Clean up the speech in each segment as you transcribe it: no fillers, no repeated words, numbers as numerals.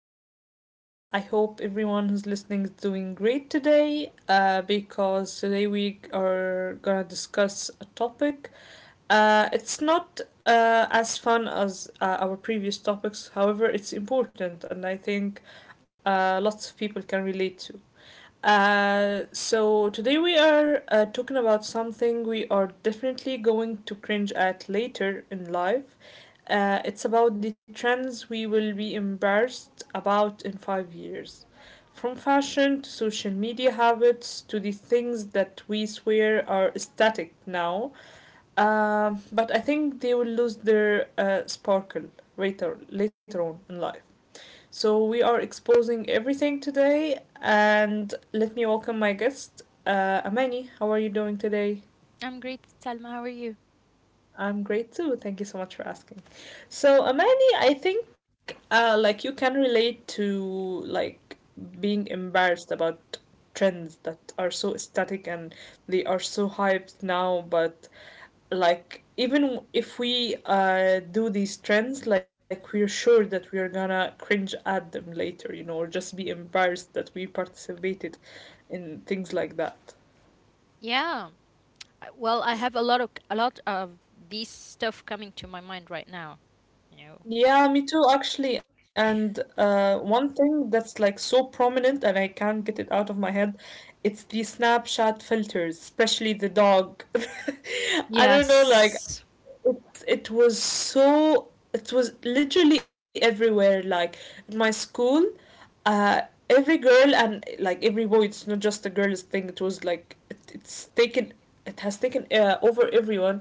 Salma. I hope everyone who's listening is doing great today, because today we are gonna discuss a topic. It's not as fun as our previous topics, however, it's important and I think lots of people can relate to. So today we are talking about something we are definitely going to cringe at later in life. It's about the trends we will be embarrassed about in 5 years. From fashion to social media habits to the things that we swear are static now, but I think they will lose their sparkle later on in life. So we are exposing everything today, and let me welcome my guest, Amani. How are you doing today? I'm great, Salma. How are you? I'm great too. Thank you so much for asking. So Amani, I think like you can relate to like being embarrassed about trends that are so static and they are so hyped now, but like even if we do these trends, like we're sure that we're gonna cringe at them later, or just be embarrassed that we participated in things like that. Yeah. Well, I have a lot of these stuff coming to my mind right now. You know, Yeah, me too actually, and one thing that's like so prominent and I can't get it out of my head, it's the Snapchat filters, especially the dog. I don't know, like yes. it was so, it was literally everywhere, like at my school, uh every girl and like every boy. It's not just a girl's thing. It was like it's taken, it has taken over everyone.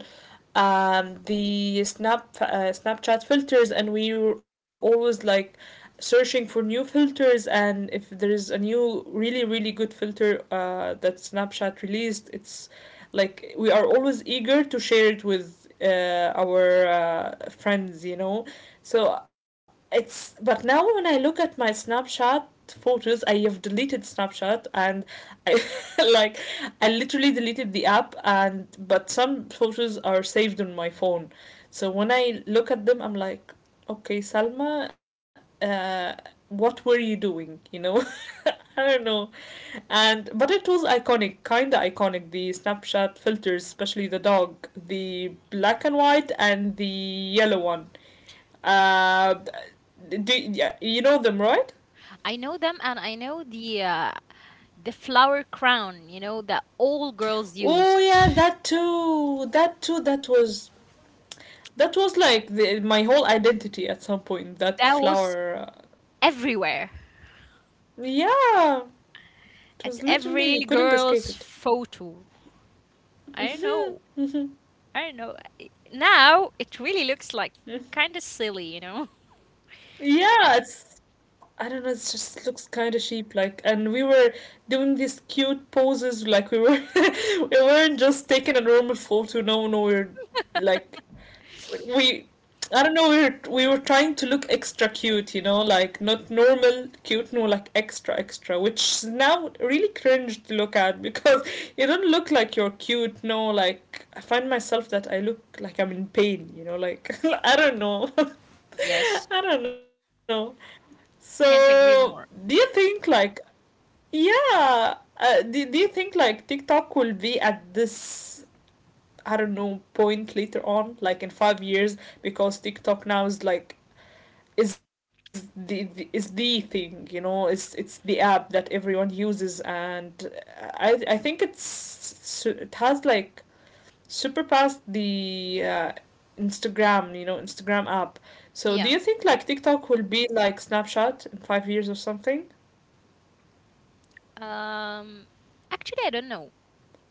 The Snapchat filters, and we were always like searching for new filters, and if there is a new really good filter that Snapchat released, it's like we are always eager to share it with our friends, so it's but now when I look at my Snapchat photos, I have deleted Snapchat and I like, I literally deleted the app, and but some photos are saved on my phone. So when I look at them, I'm like, okay Salma, uh, what were you doing? I don't know. And but it was iconic, kinda iconic. The Snapchat filters, especially the dog, the black and white and the yellow one. Uh, do Yeah, you know them, right? I know them, and I know the flower crown. You know that all girls Oh used. yeah, that too. That too. That was, that was like my whole identity at some point. That That was flower. Everywhere Yeah, it at was literally, every you couldn't girl's escape it. photo. I don't know. Now it really looks like kind of silly. You know. Yeah, it's, I don't know, it just looks kind of sheep like and we were doing these cute poses, like we were we weren't just taking a normal photo. No, no, we are like, we I don't know, we were, we were trying to look extra cute, you know, like not normal cute, no, like extra extra, which is now really cringe to look at because you don't look like you're cute, no, like I find myself that I look like I'm in pain, you know, like I don't know. Yes. I don't know. Can't agree So, more. do you think like yeah, do you think like TikTok will be at this, I don't know, point later on, like in 5 years? Because TikTok now is like, is the thing, you know, it's the app that everyone uses and I think it has like surpassed the Instagram, you know, Instagram app. So do Yeah. you think like TikTok will be like Snapchat in 5 years or something? Um, Actually, I don't know.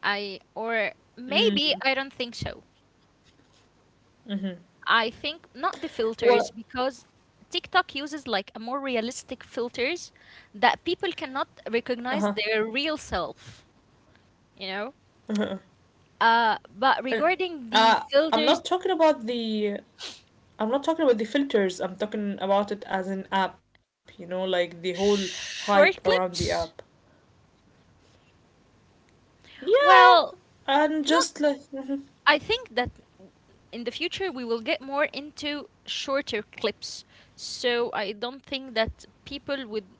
I or maybe Mm, I don't think so. mhm. I think not the filters Well, because TikTok uses like a more realistic filters that people cannot uh-huh. recognize their real self, you know? Uh-huh. Uh, But regarding uh, the I'm not filters, talking about the I'm not talking about the filters. I'm talking about it as an app, you know, like the whole short hype around the clips, app. well, Yeah, not. and just like I mhm, think that in the future we will get more into shorter clips. So I don't think that people would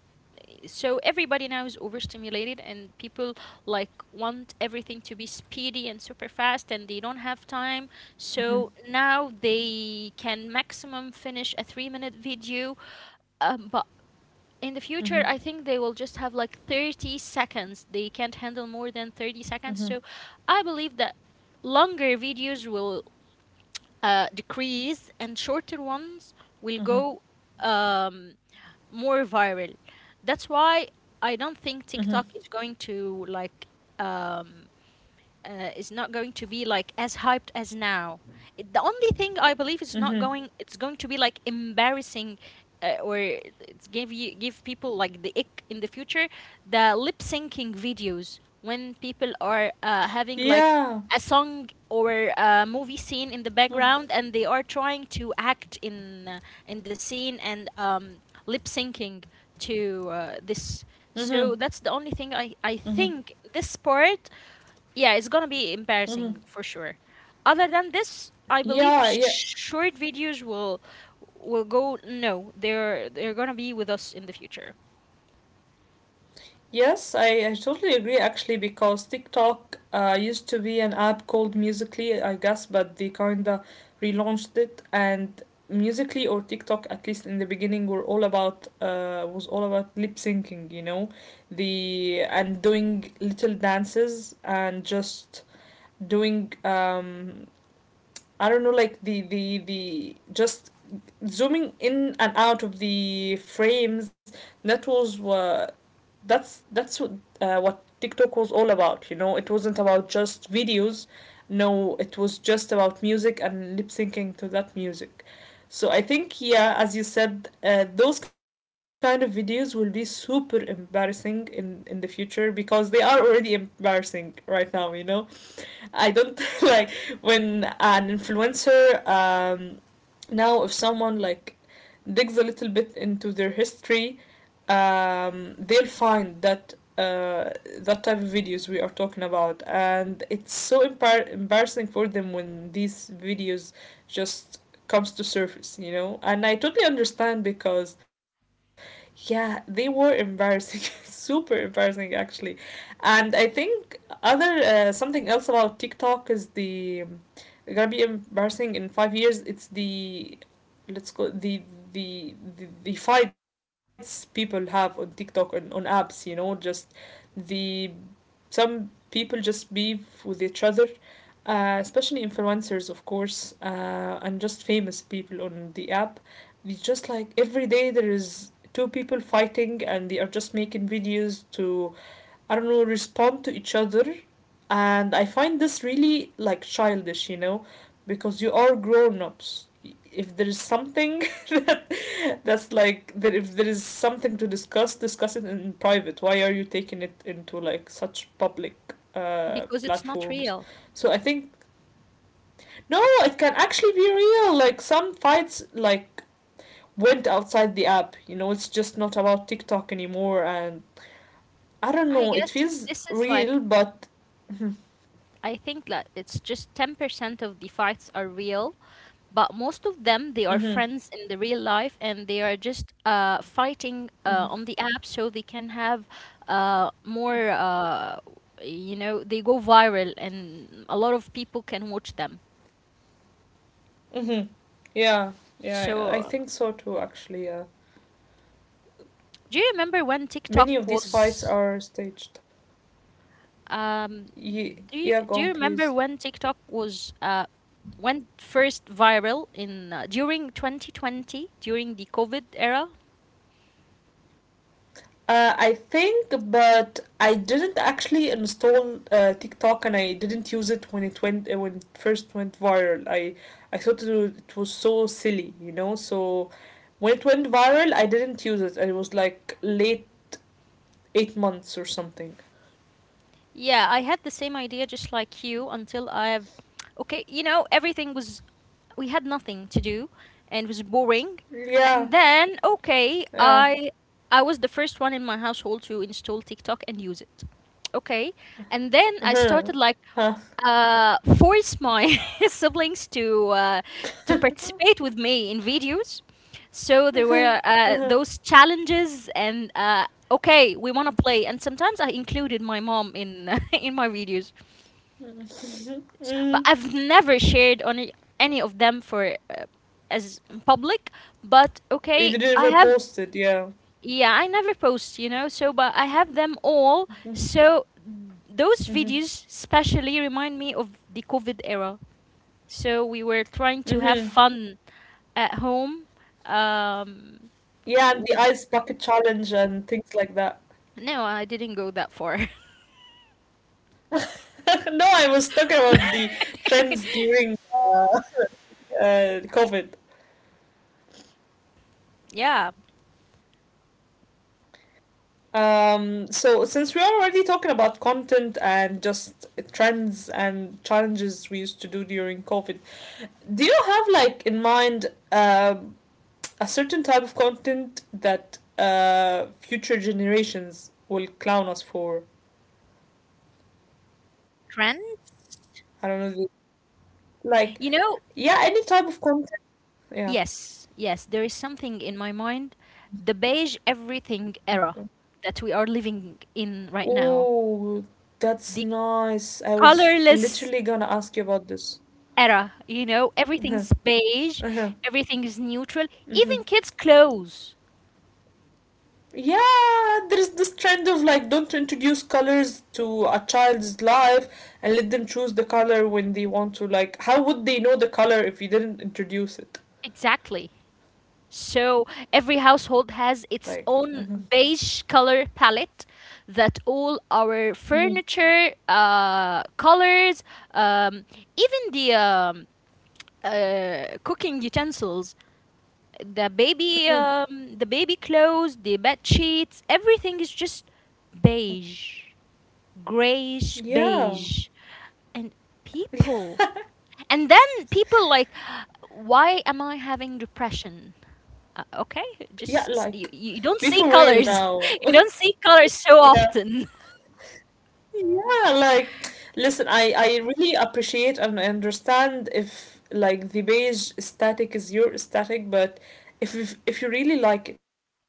So everybody now is overstimulated and people like want everything to be speedy and super fast, and they don't have time. So mhm, now they can maximum finish a 3 minute video, but in the mhm. future I think they will just have like 30 seconds. They can't handle more than 30 seconds. So I believe that longer videos will decrease and shorter ones will go um, more viral. That's why I don't think TikTok is going to like um is not going to be like as hyped as now. It, the only thing I believe is not going. It's going to be like embarrassing, or it's give people like the ick in the future. The lip syncing videos, when people are having like Yeah. a song or a movie scene in the background and they are trying to act in the scene and lip syncing to this. Mhm, So that's the only thing I think. This part, yeah, it's gonna be mhm. embarrassing for sure. Other than this, I believe Yeah, yeah. Short videos will go no, they're gonna be with us in the future Yes, I totally agree actually, because TikTok used to be an app called Musically, I guess, but they kinda relaunched it, and Musically or TikTok, at least in the beginning, were all about was all about lip syncing, you know, the and doing little dances and just doing I don't know, like the just zooming in and out of the frames. that was what that's what, TikTok was all about. You know, it wasn't about just videos. No, it was just about music and lip syncing to that music. So I think, yeah, as you said, those kind of videos will be super embarrassing in the future, because they are already embarrassing right now. You know, I don't like, when an influencer now, if someone like digs a little bit into their history, they'll find that that type of videos we are talking about, and it's so embarrassing for them when these videos just comes to surface, and I totally understand, because yeah, they were embarrassing, super embarrassing actually. And I think other, something else about TikTok is the gonna be embarrassing in 5 years. It's the let's go the fights people have on TikTok and on apps. You know, just the some people just beef with each other, especially influencers, of course, and just famous people on the app. It's just like every day there is two people fighting, and they are just making videos to, I don't know, respond to each other. And I find this really like childish, you know, because you are grown ups. If there is something that that if there is something to discuss, discuss it in private. Why are you taking it into like such public because it's not platforms? real. So I think, no, it can actually be real. Like some fights, like, went outside the app. You know, it's just not about TikTok anymore. And I don't I know, it guess feels this is like real, but. I think that it's just 10% of the fights are real, but most of them they are Hmm. friends in the real life and they are just Mm-hmm. fighting on the app so they can have more you know they go viral and a lot of people can watch them. Mm-hmm. Yeah, yeah, I So think so too, actually. Yeah. do you remember when tiktok Many of these fights was are staged. um, Yeah, go do you on, remember please. when tiktok was went first viral in during 2020, during the covid era? I think, but I didn't actually install TikTok and I didn't use it when it went, when it first went viral. I thought it was so silly, you know. So when it went viral, I didn't use it. It was like late, 8 months or something. Yeah, I had the same idea just like you until I okay, you know, everything was we had nothing to do and it was boring. Yeah, And then okay, yeah. I was the first one in my household to install TikTok and use it. Okay. And then I Uh-huh. started like Huh. Force my siblings to participate with me in videos. So there were those challenges, and okay, we want to play. And sometimes I included my mom in in my videos, but Mm. I've never shared any of them for as public. But They okay, didn't I even have post it, yeah. yeah, I never post, you know. So but I have them all. Hmm. So those Hmm. videos specially remind me of the COVID era. So we were trying to have Hmm. fun at home. Um, Yeah, and the with ice bucket challenge and things like that. No, I didn't go that far. No, I was talking about the trends during, COVID. Yeah, So since we are already talking about content and just trends and challenges we used to do during COVID, do you have like in mind a certain type of content that future generations will clown us for? trends? I don't know, like, You know, yeah, any type of content. Yeah. yes, yes, there is something in my mind, the beige everything era Yeah. that we are living in right now, Oh, that's the nice. I was colorless literally gonna ask you about this. era, you know, Uh-huh. everything's beige, Uh-huh. everything is neutral, Mm-hmm. even kids' clothes. Yeah, there's this trend of like, don't introduce colors to a child's life and let them choose the color when they want to. Like, how would they know the color if you didn't introduce it? Exactly. So every household has Like, its mm-hmm. own beige color palette, that all our Mm-hmm. furniture colors, um, even the cooking utensils, Mm-hmm. The baby clothes, the bed sheets, everything is just beige, grayish Yeah. beige, and people. And then people like, why am I having depression? Okay, Yeah, just like, you don't be see for real colors. now. You don't see colors so Yeah. often. Yeah, like, listen, I really appreciate and I understand if like the beige aesthetic is your aesthetic, but if you really like it, you know,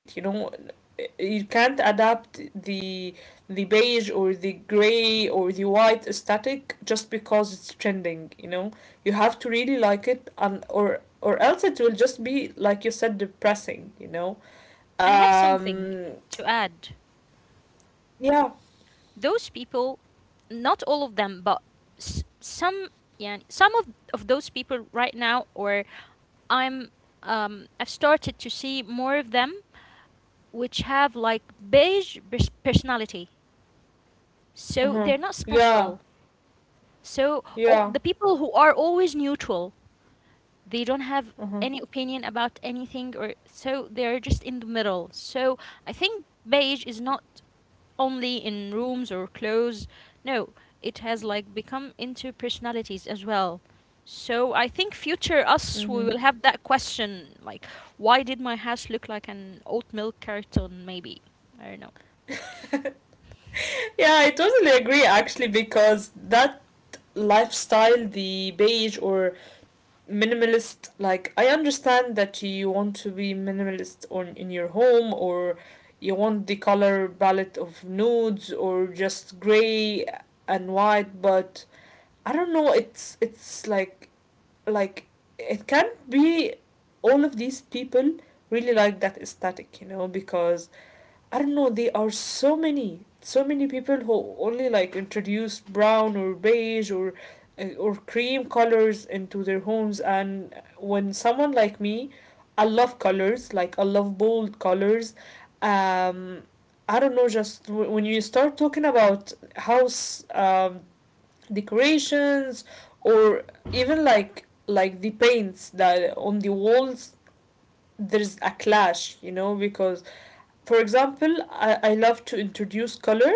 you can't adapt the beige or the gray or the white aesthetic just because it's trending, you know. You have to really like it, and or else it will just be like you said, depressing, you know. And I have something Um, to add. yeah. Those people, not all of them, but some, yeah, of those people right now, I'm, I've started to see more of them, which have like beige personality. So Uh-huh. they're not Yeah. special. So all Yeah. the people who are always neutral, they don't have Uh-huh. any opinion about anything, or so they're just in the middle. So I think beige is not only in rooms or clothes. No, it has like become into personalities as well. So I think future us we Mm-hmm. will have that question like why did my house look like an oat milk carton maybe? I don't know. Yeah, I totally agree actually, because that lifestyle, the beige or minimalist, like I understand that you want to be minimalist on in your home, or you want the color palette of nudes or just gray and white, but I don't know, it's like it can be, all of these people really like that aesthetic, you know, because I don't know, there are so many, so many people who only like introduce brown or beige or cream colors into their homes. And when someone like me, I love colors, like I love bold colors. Um I don't know, just when you start talking about house decorations, or even like the paints that on the walls, there's a clash, you know, because, for example, I love to introduce color,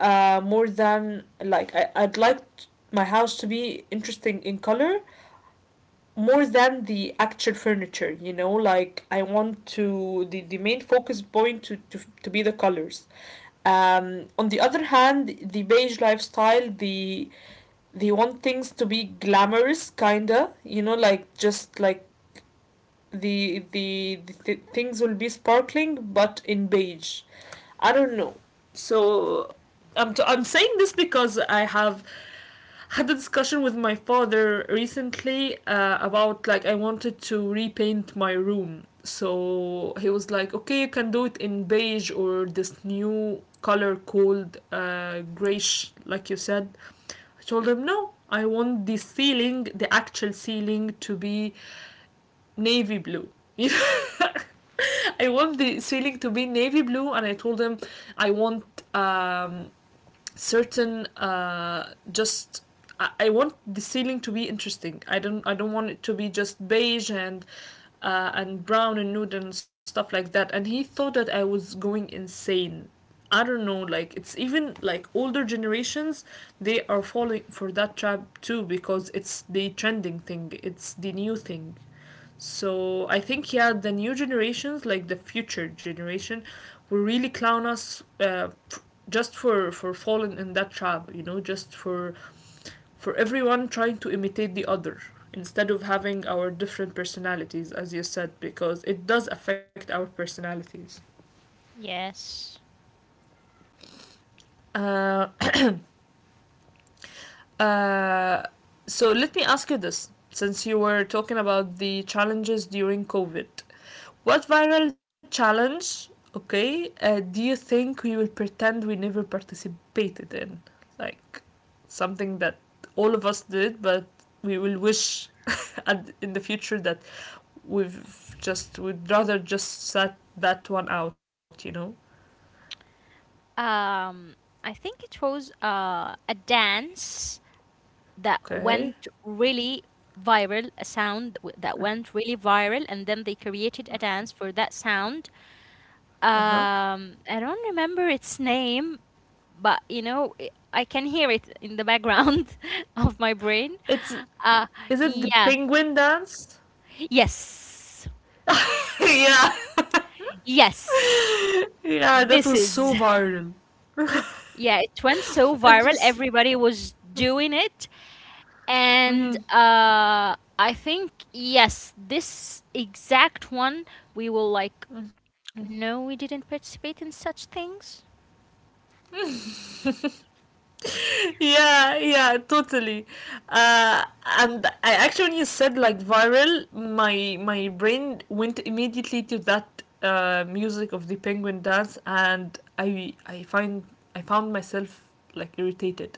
more than like I'd like my house to be interesting in color more than the actual furniture, you know, like I want to the main focus point to, to be the colors. On the other hand, the beige lifestyle, they want things to be glamorous, kinda, you know, like just like things will be sparkling but in beige. I don't know. So I'm saying this because I have had a discussion with my father recently about like I wanted to repaint my room, so he was like, okay, you can do it in beige or this new color called grayish, like you said. I told him no, I want the ceiling, the actual ceiling to be navy blue. You know? I want the ceiling to be navy blue, and I told them, I want um, certain just. I want the ceiling to be interesting. I don't. I don't want it to be just beige and brown and nude and stuff like that. And he thought that I was going insane. I don't know, like, it's even like older generations, they are falling for that trap too because it's the trending thing, it's the new thing. So I think, yeah, the new generations, like the future generation, will really clown us just for falling in that trap. You know, just for everyone trying to imitate the other instead of having our different personalities, as you said, because it does affect our personalities. Yes. Uh, uh, so let me ask you this, since you were talking about the challenges during COVID. What viral challenge, okay, do you think we will pretend we never participated in? Like something that all of us did, but we will wish in the future that we'd rather just set that one out, you know? Um, I think it was a dance that Okay, went really viral, a sound that went really viral, and then they created a dance for that sound. uh huh. I don't remember its name, but you know, I can hear it in the background of my brain. It's, Uh, is it the yeah, penguin dance? yes, Yeah, yes. yeah, that This was so is, viral. yeah, it went so It viral. was, Everybody was doing it. And mhm. I think, yes, this exact one we will like no, we didn't participate in such things. Yeah, yeah, totally. uh and I actually said like viral, my brain went immediately to that music of the penguin dance, and I find, I found myself like irritated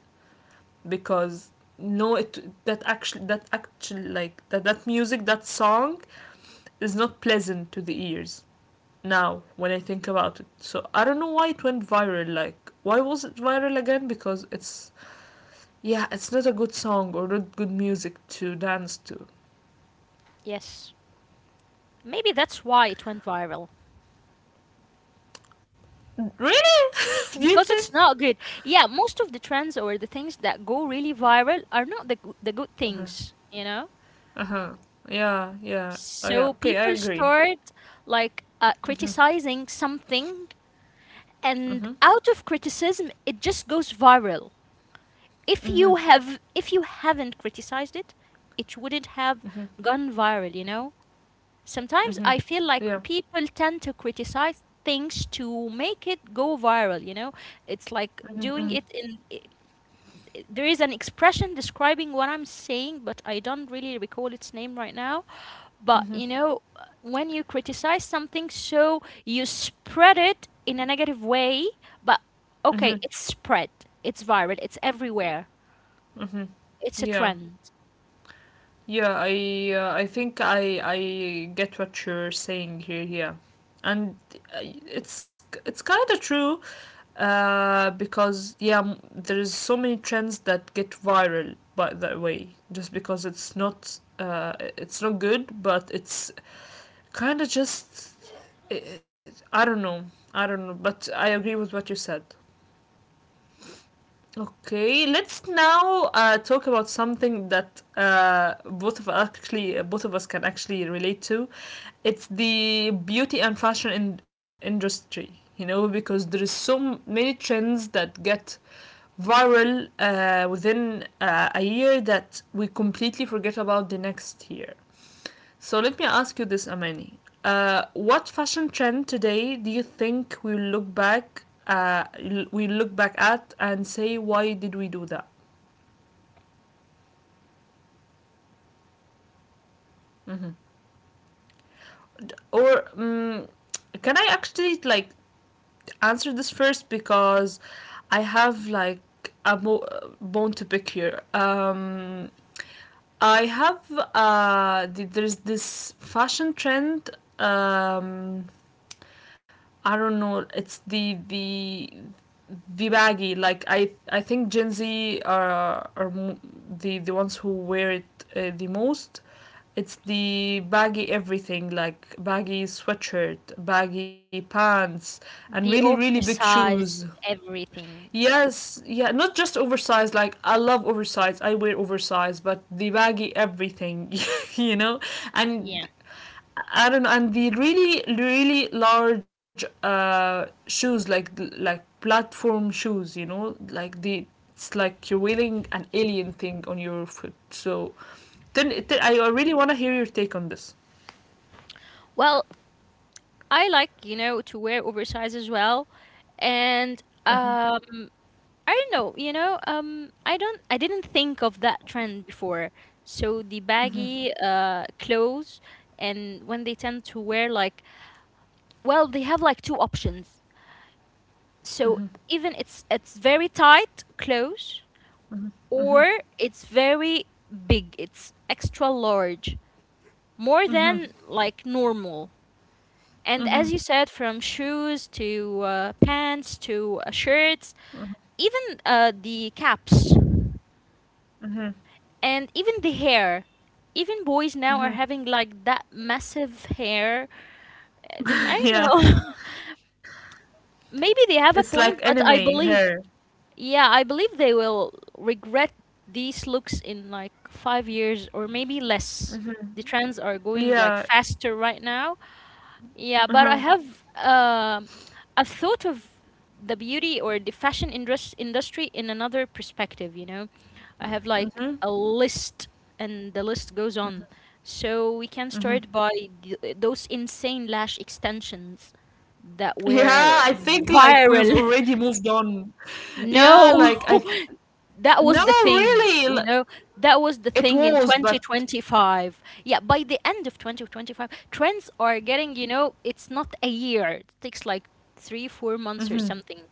because no, it that actually, that actually, like that music, that song is not pleasant to the ears now when I think about it. So I don't know why it went viral, like why was it viral again, because it's, yeah, it's not a good song or not good music to dance to. Yes. Maybe that's why it went viral. Really? Do you Because it's think? not good. Yeah, most of the trends or the things that go really viral are not the good Uh-huh. things, you know? Uh-huh. Yeah, yeah. Oh yeah. So Okay, I people agree. start like Mm-hmm. criticizing something, Mm-hmm. and out of criticism, it just goes viral. Mm-hmm. If you haven't criticized it, it wouldn't have Mm-hmm. gone viral, you know? Sometimes Mm-hmm. I feel like Yeah. people tend to criticize things to make it go viral, you know? It's like Mm-hmm. Mm-hmm. doing it in. There is an expression describing what I'm saying, but I don't really recall its name right now. But, you Mm-hmm. know, when you criticize something, so you spread it in a negative way, but Mm-hmm. okay, it's spread, it's viral, it's everywhere, Mm-hmm. it's a Yeah. trend. Yeah, I think I get what you're saying here, yeah. And it's kind of true because yeah, there is so many trends that get viral by that way, just because it's not good, but it's kind of just, i I don't know, I don't know, but I agree with what you said. Okay, let's now talk about something that both of us can actually relate to. It's the beauty and fashion industry, you know, because there is so many trends that get viral within a year that we completely forget about the next year. So let me ask you this, Amani. What fashion trend today do you think we look back at and say, why did we do that? Or can I actually like answer this first because I have like a mo- bone to pick here. I have there's this fashion trend. Um, I don't know. It's the baggy. Like I think Gen Z are the ones who wear it the most. It's the baggy everything, like baggy sweatshirt, baggy pants, and really The really big shoes. oversized everything. Yes, yeah, not just oversized. Like I love oversized. I wear oversized, but the baggy everything, you know, Yeah. and I don't know, and the really really large shoes, like platform shoes, you know, like the, it's like you're wearing an alien thing on your foot. So then, I really want to hear your take on this. Well, I like, you know, to wear oversized as well. And Uh-huh. um, I don't know, you know, I didn't think of that trend before. So the baggy clothes and when they tend to wear like well, they have like two options. So even it's very tight clothes or it's very big. It's extra large. More than like normal. And as you said, from shoes to pants to shirts, even the caps and even the hair. Even boys now are having like that massive hair. I Yeah, don't know. Maybe they it's have a like point, but anime I hair. believe, yeah, I believe they will regret these looks in like 5 years or maybe less. The trends are going like Yeah, faster right now. Yeah, but I uh-huh. have a thought of the beauty or the fashion industry in another perspective, you know. I have like a list, and the list goes on. So we can start by those insane lash extensions that Yeah, were I think like we've viral. already moved on. Yeah, No. like That no, was the thing, really, you know, that was the it thing in was, but 2025. Yeah, by the end of 2025, trends are getting, you know, it's not a year, it takes like three hmm, four months or something,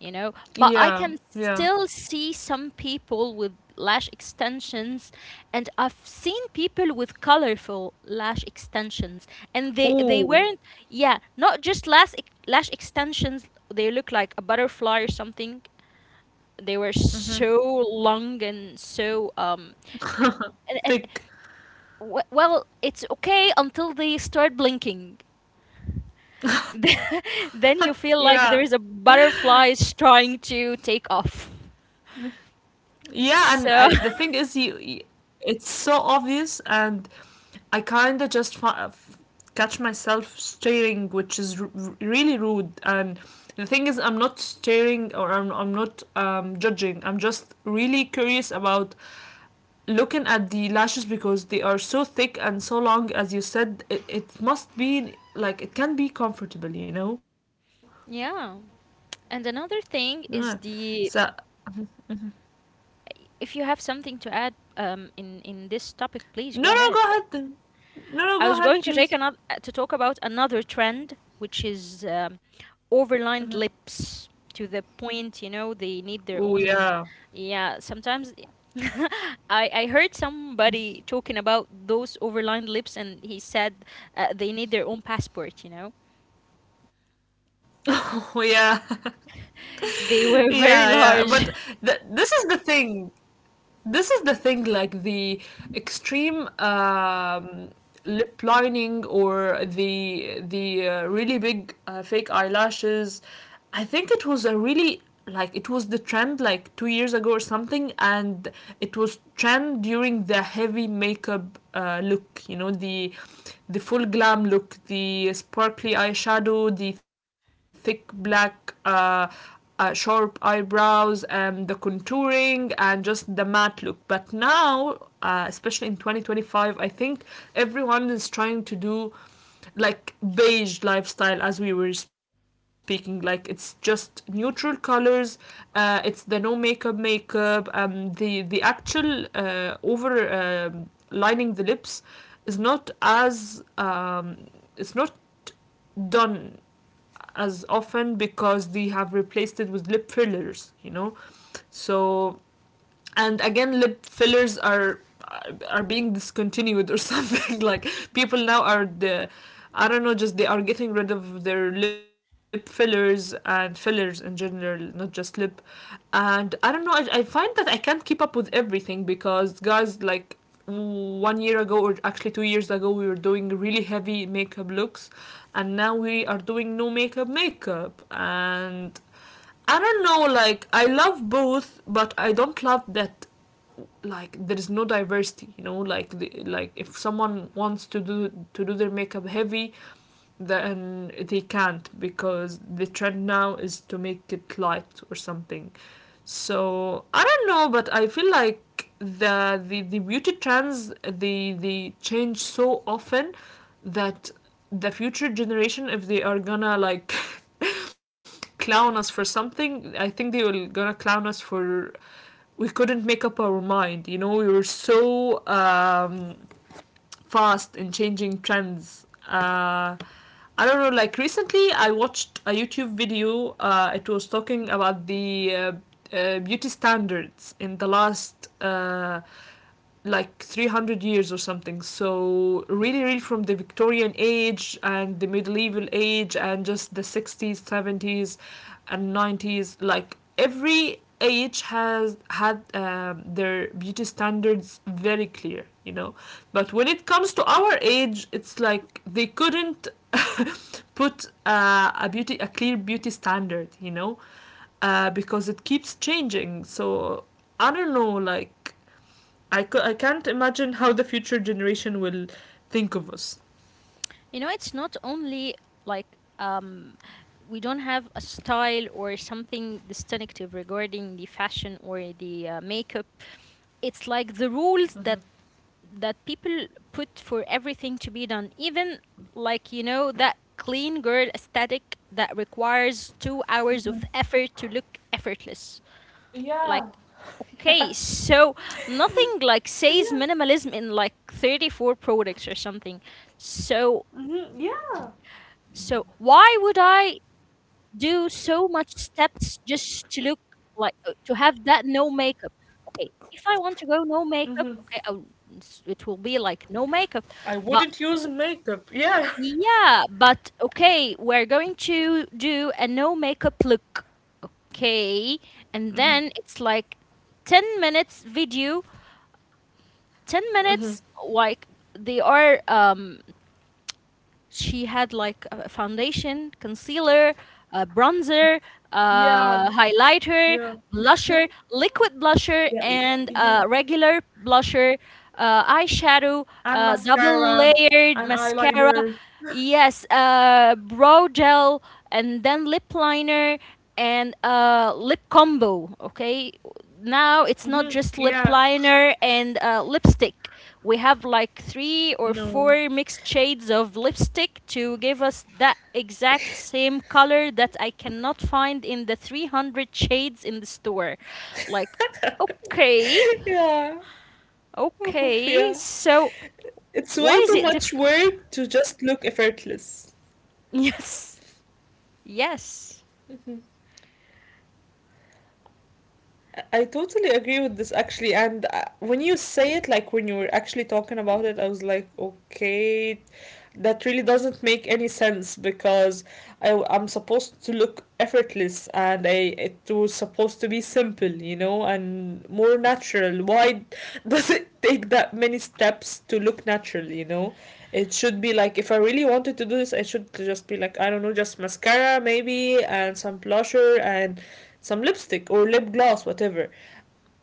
you know. yeah, But I can yeah. still see some people with lash extensions, and I've seen people with colorful lash extensions, and they Ooh, weren't, yeah, not just lash extensions, they look like a butterfly or something, they were so long and so and thick. Well it's okay until they start blinking. Then you Yeah, feel like there is a butterfly is trying to take off. yeah, and So the thing is, you, y it's so obvious, and I kind of just catch myself staring, which is really rude. And the thing is, I'm not staring, or I'm not judging. I'm just really curious about looking at the lashes because they are so thick and so long. As you said it, it must be like, it can be comfortable, you know? yeah. And another Yeah. thing is So, the if you have something to add in this topic, please no go no go ahead. ahead, no no I go was ahead going to take please. another to talk about another trend, which is overlined lips, to the point, you know, they need Oh their own. yeah. Yeah, sometimes I heard somebody talking about those overlined lips, and he said they need their own passport. You know, Oh yeah. they were very Yeah, yeah, large. but this is the thing. This is the thing, like the extreme lip lining or the really big fake eyelashes, I think it was a really, like it was the trend like 2 years ago or something, and it was trend during the heavy makeup look, you know, the full glam look, the sparkly eyeshadow, the thick black sharp eyebrows and the contouring and just the matte look. But now, especially in 2025, I think everyone is trying to do like beige lifestyle, as we were speaking. Like it's just neutral colors. It's the no makeup makeup. The actual over lining the lips is not as um, it's not done as often because they have replaced it with lip fillers, you know. So, and again, lip fillers are being discontinued or something, like people now are the I don't know, just they are getting rid of their lip fillers and fillers in general, not just lip. And I don't know, I find that I can't keep up with everything because, guys, like 1 year ago, or actually 2 years ago, we were doing really heavy makeup looks, and now we are doing no makeup makeup. And I don't know, like, I love both, but I don't love that like there is no diversity, you know, like like if someone wants to do their makeup heavy, then they can't because the trend now is to make it light or something. So I don't know, but I feel like the beauty trends, they change so often that the future generation, if they are gonna like clown us for something, I think they will gonna clown us for, we couldn't make up our mind. You know, we were so fast in changing trends. I don't know. Like recently, I watched a YouTube video. It was talking about the beauty standards in the last like 300 years or something, so really really from the Victorian age and the medieval age and just the 60s, 70s and 90s, like every age has had their beauty standards very clear, you know. But when it comes to our age, it's like they couldn't put a clear beauty standard, you know, because it keeps changing. So I don't know, like, I can't imagine how the future generation will think of us. You know, it's not only like we don't have a style or something distinctive regarding the fashion or the makeup. It's like the rules that people put for everything to be done. Even like, you know, that clean girl aesthetic that requires 2 hours of effort to look effortless. Like, Yeah. okay, Yeah. so nothing like says minimalism in like 34 products or something. So Yeah. Mm-hmm, yeah. so why would I do so much steps just to look like to have that no makeup. Okay, if I want to go no makeup, Mm-hmm. okay, it will be like no makeup. I But wouldn't use makeup. Yeah. yeah, but okay, we're going to do a no makeup look, okay? And then it's like 10 minutes video, 10 minutes, like they are she had like a foundation, concealer, a bronzer, Yeah. a highlighter, Yeah. blusher, liquid blusher, Yeah. and Yeah. a regular blusher, eyeshadow, And double mascara layered and mascara. eyeliner. Yes, brow gel, and then lip liner and lip combo. Okay, now it's not just lip Yeah. liner and lipstick, we have like three or No. four mixed shades of lipstick to give us that exact same color that I cannot find in the 300 shades in the store. Like, okay, Yeah. okay, Yeah. so It's why way is too it much difficult? work to just look effortless. Yes, yes, I totally agree with this actually, and when you say it, like when you were actually talking about it, I was like, okay, that really doesn't make any sense because I'm supposed to look effortless and I it was supposed to be simple, you know, and more natural. Why does it take that many steps to look natural, you know? It should be like, if I really wanted to do this, I should just be like, I don't know, just mascara maybe and some blusher and some lipstick or lip gloss, whatever.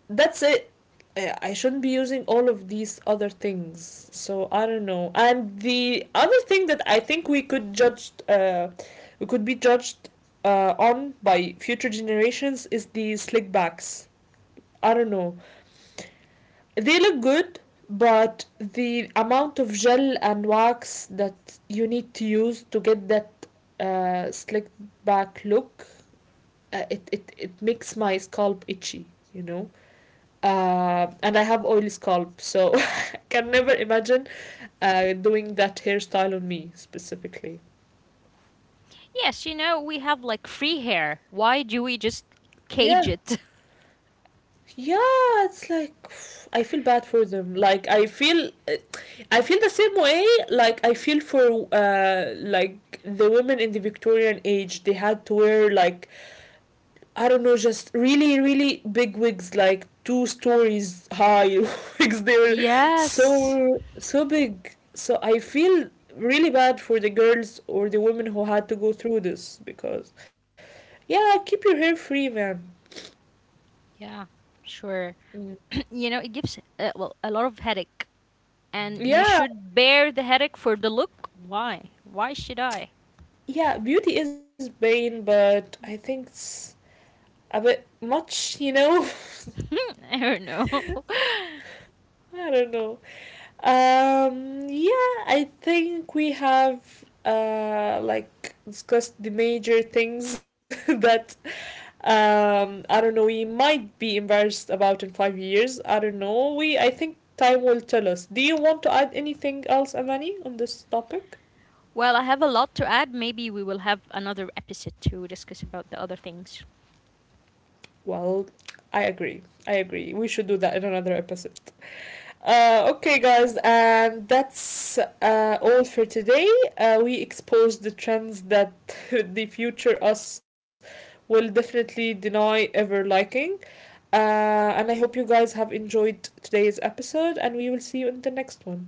That's it. I shouldn't be using all of these other things. So I don't know. And the other thing that I think we could judge, we could be judged on by future generations is the slick backs. I don't know, they look good, but the amount of gel and wax that you need to use to get that slick back look, it it makes my scalp itchy, you know, and I have oily scalp, so I can never imagine doing that hairstyle on me specifically. yes, you know, we have like free hair. Why do we just Yeah. cage it? Yeah, it's like I feel bad for them. Like I feel the same way. Like I feel for like the women in the Victorian age. They had to wear like, I don't know, just really really big wigs, like two stories high wigs. They were Yes. so so big. So I feel really bad for the girls or the women who had to go through this because, yeah, keep your hair free, man. Yeah, sure. You know, it gives well a lot of headache. And you Yeah, should bear the headache for the look. Why? Why should I? yeah, beauty is pain, but I think it's a bit much, you know? I don't know. I don't know. Yeah, I think we have like discussed the major things that I don't know we might be embarrassed about in 5 years. I don't know. We I think time will tell us. Do you want to add anything else, Amani, on this topic? Well, I have a lot to add. Maybe we will have another episode to discuss about the other things. Well, I agree. I agree. We should do that in another episode. Okay, guys, and that's all for today. We exposed the trends that the future us will definitely deny ever liking. And I hope you guys have enjoyed today's episode, and we will see you in the next one.